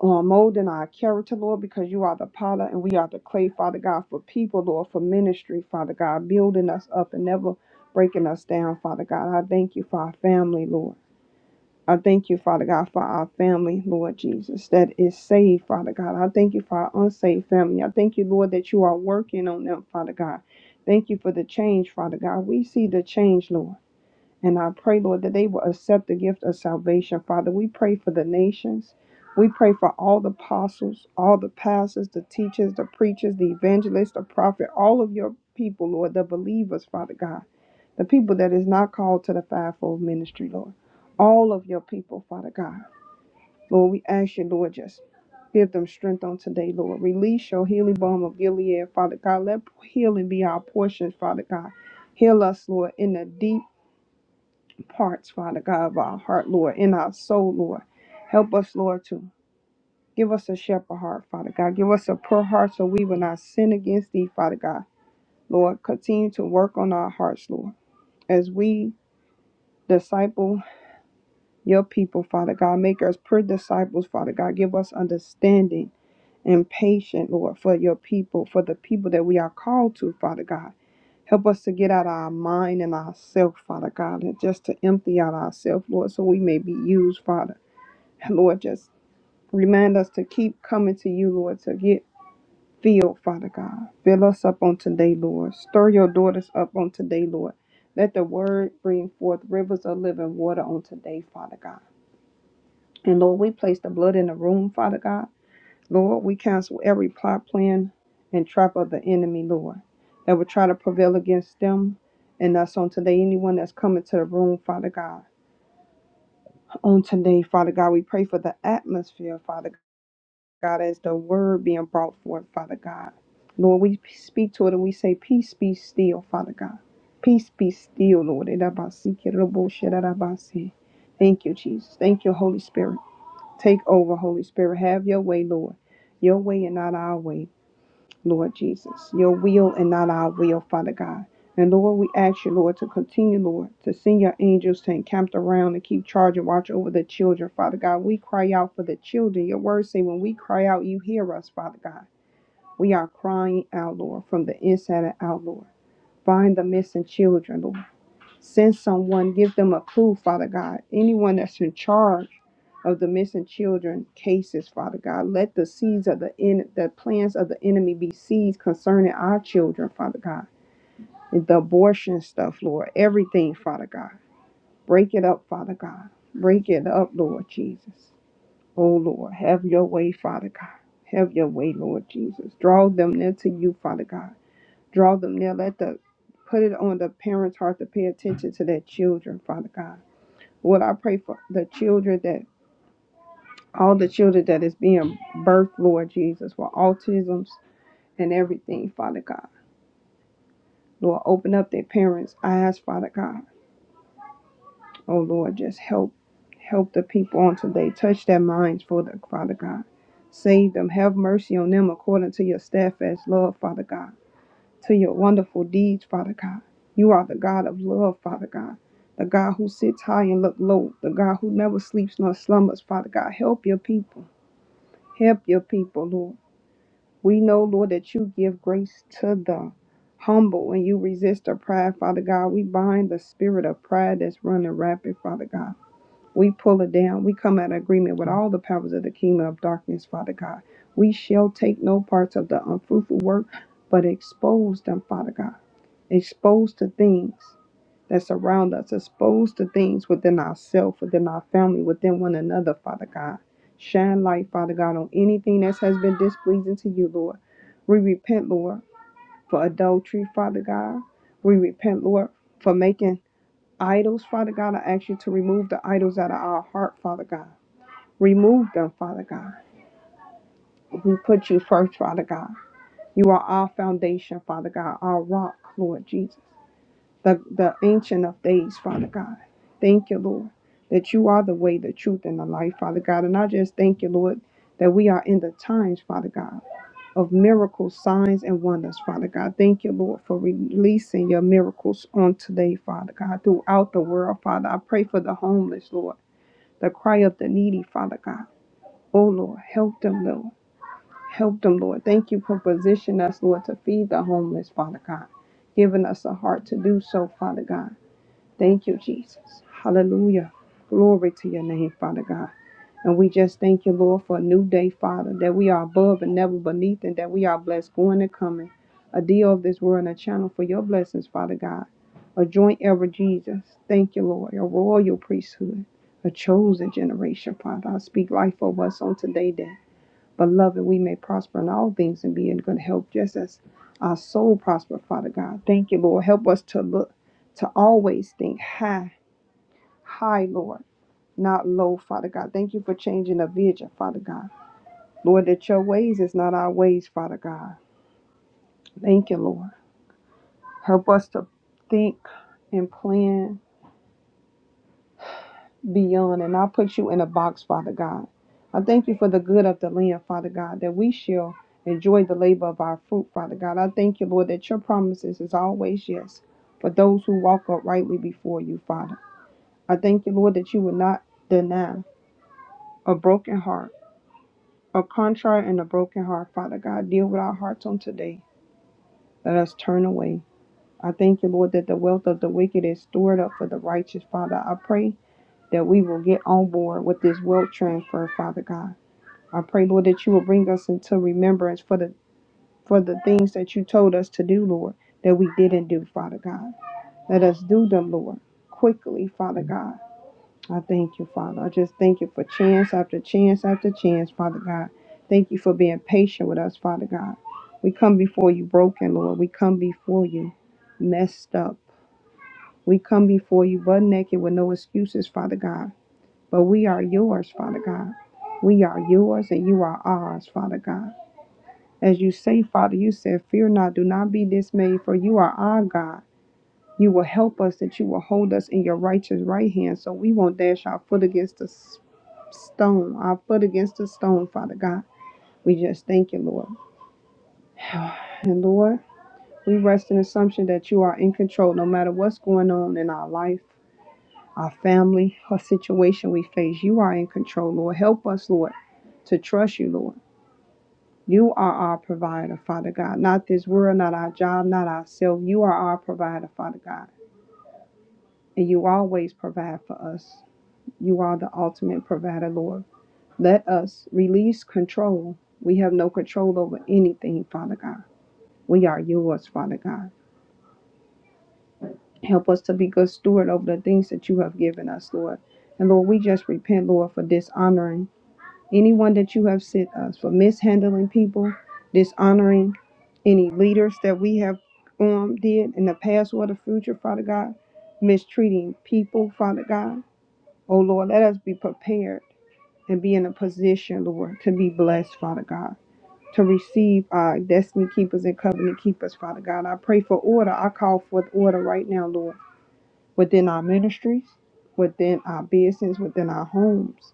uh, molding our character, Lord, because you are the potter and we are the clay, Father God, for people, Lord, for ministry, Father God, building us up and never breaking us down, Father God. I thank you for our family, Lord. I thank you, Father God, for our family, Lord Jesus, that is saved, Father God. I thank you for our unsaved family. I thank you, Lord, that you are working on them, Father God. Thank you for the change, Father God. We see the change, Lord. And I pray, Lord, that they will accept the gift of salvation. Father, we pray for the nations. We pray for all the apostles, all the pastors, the teachers, the preachers, the evangelists, the prophet, all of your people, Lord, the believers, Father God, the people that is not called to the fivefold ministry, Lord. All of your people, Father God. Lord, we ask you, Lord, just give them strength on today, Lord. Release your healing balm of Gilead, Father God. Let healing be our portion, Father God. Heal us, Lord, in the deep parts, Father God, of our heart, Lord, in our soul, Lord. Help us, Lord, to give us a shepherd heart, Father God. Give us a pure heart so we will not sin against thee, Father God. Lord, continue to work on our hearts, Lord, as we disciple your people, Father God. Make us pure disciples, Father God. Give us understanding and patience, Lord, for your people, for the people that we are called to, Father God. Help us to get out of our mind and ourself, Father God, and just to empty out ourselves, Lord, so we may be used, Father. And Lord, just remind us to keep coming to you, Lord, to get filled, Father God. Fill us up on today, Lord. Stir your daughters up on today, Lord. Let the word bring forth rivers of living water on today, Father God. And Lord, we place the blood in the room, Father God. Lord, we cancel every plot, plan, and trap of the enemy, Lord, that would try to prevail against them and us on today. Anyone that's coming to the room, Father God. On today, Father God, we pray for the atmosphere, Father God, as the word being brought forth, Father God. Lord, we speak to it and we say, Peace be still, Father God. Peace be still, Lord. Idabasikirabosherabasi. Thank you, Jesus. Thank you, Holy Spirit. Take over, Holy Spirit. Have your way, Lord. Your way and not our way. Lord Jesus. Your will and not our will, Father God. And Lord, we ask you, Lord, to continue, Lord, to send your angels to encamp around and keep charge and watch over the children, Father God. We cry out for the children. Your word say, when we cry out, you hear us, Father God. We are crying out, Lord, from the inside and out, Lord. Find the missing children, Lord. Send someone, give them a clue, Father God. Anyone that's in charge of the missing children cases, Father God. Let the seeds of the en- the plans of the enemy be seeds concerning our children, Father God. And the abortion stuff, Lord. Everything, Father God. Break it up, Father God. Break it up, Lord Jesus. Oh Lord, have your way, Father God. Have your way, Lord Jesus. Draw them near to you, Father God. Draw them near. Let the put it on the parents' heart to pay attention to their children, Father God Lord, I pray for the children that all the children that is being birthed, Lord Jesus, for autisms and everything, Father God. Lord, open up their parents' eyes, Father God. Oh Lord, just help help the people on today. Touch their minds for the Father God. Save them. Have mercy on them according to your steadfast love, Father God. To your wonderful deeds, Father God. You are the God of love, Father God. The God who sits high and look low. The God who never sleeps nor slumbers, Father God. Help your people. Help your people, Lord. We know, Lord, that you give grace to the humble and you resist the pride, Father God. We bind the spirit of pride that's running rapid, Father God. We pull it down. We come out of agreement with all the powers of the kingdom of darkness, Father God. We shall take no parts of the unfruitful work, but expose them, Father God. Expose the things that surround us. exposed to things within ourselves, within our family, within one another, Father God. Shine light, Father God, on anything that has been displeasing to you, Lord. We repent, Lord, for adultery, Father God. We repent, Lord, for making idols, Father God. I ask you to remove the idols out of our heart, Father God. Remove them, Father God. We put you first, Father God. You are our foundation, Father God, our rock, Lord Jesus. the, the Ancient of Days, Father God. Thank you, Lord, that you are the way, the truth, and the life, Father God. And I just thank you, Lord, that we are in the times, Father God, of miracles, signs, and wonders, Father God. Thank you, Lord, for releasing your miracles on today, Father God, throughout the world, Father. I pray for the homeless, Lord, the cry of the needy, Father God. Oh, Lord, help them, Lord. Help them, Lord. Thank you for positioning us, Lord, to feed the homeless, Father God. Giving us a heart to do so, Father God. Thank you, Jesus. Hallelujah. Glory to your name, Father God. And we just thank you, Lord, for a new day, Father, that we are above and never beneath, and that we are blessed going and coming. A deal of this world and a channel for your blessings, Father God. A joint ever, Jesus. Thank you, Lord. A royal priesthood, a chosen generation, Father. I speak life over us on today, that, beloved, we may prosper in all things and be in good health, just as our soul prosper, Father God. Thank you, Lord. Help us to look to always think high high, Lord, not low, Father God. Thank you for changing the vision, Father God. Lord, that your ways is not our ways, Father God. Thank you, Lord. Help us to think and plan beyond and not put you in a box, Father God. I thank you for the good of the land, Father God, that we shall enjoy the labor of our fruit, Father God. I thank you, Lord, that your promises is always yes for those who walk uprightly before you, Father. I thank you, Lord, that you will not deny a broken heart A contrite and a broken heart, Father God, deal with our hearts on today. Let us turn away. I thank you, Lord, that the wealth of the wicked is stored up for the righteous, Father. I pray that we will get on board with this wealth transfer, Father God. I pray, Lord, that you will bring us into remembrance for the for the things that you told us to do, Lord, that we didn't do, Father God. Let us do them, Lord, quickly, Father God. I thank you, Father. I just thank you for chance after chance after chance, Father God. Thank you for being patient with us, Father God. We come before you broken, Lord. We come before you messed up. We come before you butt naked with no excuses, Father God. But we are yours, Father God. We are yours and you are ours, Father God. As you say, Father, you said, Fear not, do not be dismayed, for you are our God. You will help us, that you will hold us in your righteous right hand, so we won't dash our foot against the stone, our foot against a stone, Father God. We just thank you, Lord. And Lord, we rest in assumption that you are in control no matter what's going on in our life, our family, our situation we face. You are in control, Lord. Help us, Lord, to trust you, Lord. You are our provider, Father God. Not this world, not our job, not ourselves. You are our provider, Father God. And you always provide for us. You are the ultimate provider, Lord. Let us release control. We have no control over anything, Father God. We are yours, Father God. Help us to be good steward over the things that you have given us, Lord. And Lord, we just repent, Lord, for dishonoring anyone that you have sent us, for mishandling people, dishonoring any leaders that we have um, did in the past or the future, Father God, mistreating people, Father God. Oh Lord, let us be prepared and be in a position, Lord, to be blessed, Father God. to receive our destiny keepers and covenant keepers, Father God. I pray for order. I call forth order right now, Lord, within our ministries, within our business, within our homes,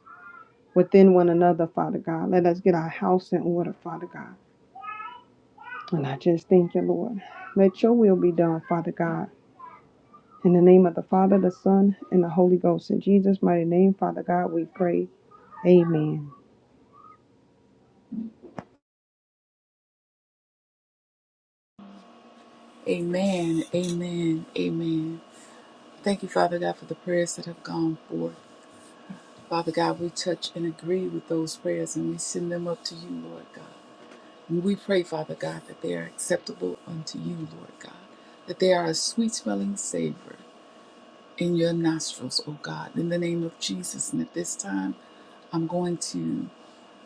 within one another, Father God. Let us get our house in order, Father God. And I just thank you, Lord. Let your will be done, Father God. In the name of the Father, the Son, and the Holy Ghost. In Jesus' mighty name, Father God, we pray. Amen. Amen. Amen. Amen. Thank you, Father God, for the prayers that have gone forth. Father God, we touch and agree with those prayers and we send them up to you, Lord God. And we pray, Father God, that they are acceptable unto you, Lord God, that they are a sweet smelling savor in your nostrils, O God, in the name of Jesus. And at this time, I'm going to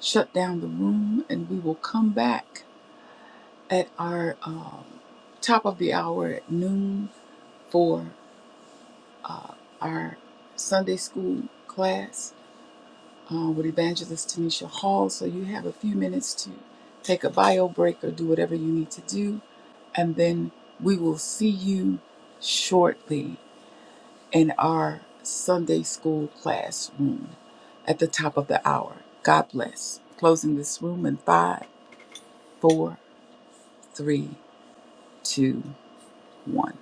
shut down the room and we will come back at our um, top of the hour at noon for our Sunday school class uh, with Evangelist Tanisha Hall. So you have a few minutes to take a bio break or do whatever you need to do. And then we will see you shortly in our Sunday school classroom at the top of the hour. God bless. Closing this room in five, four, three, two, one.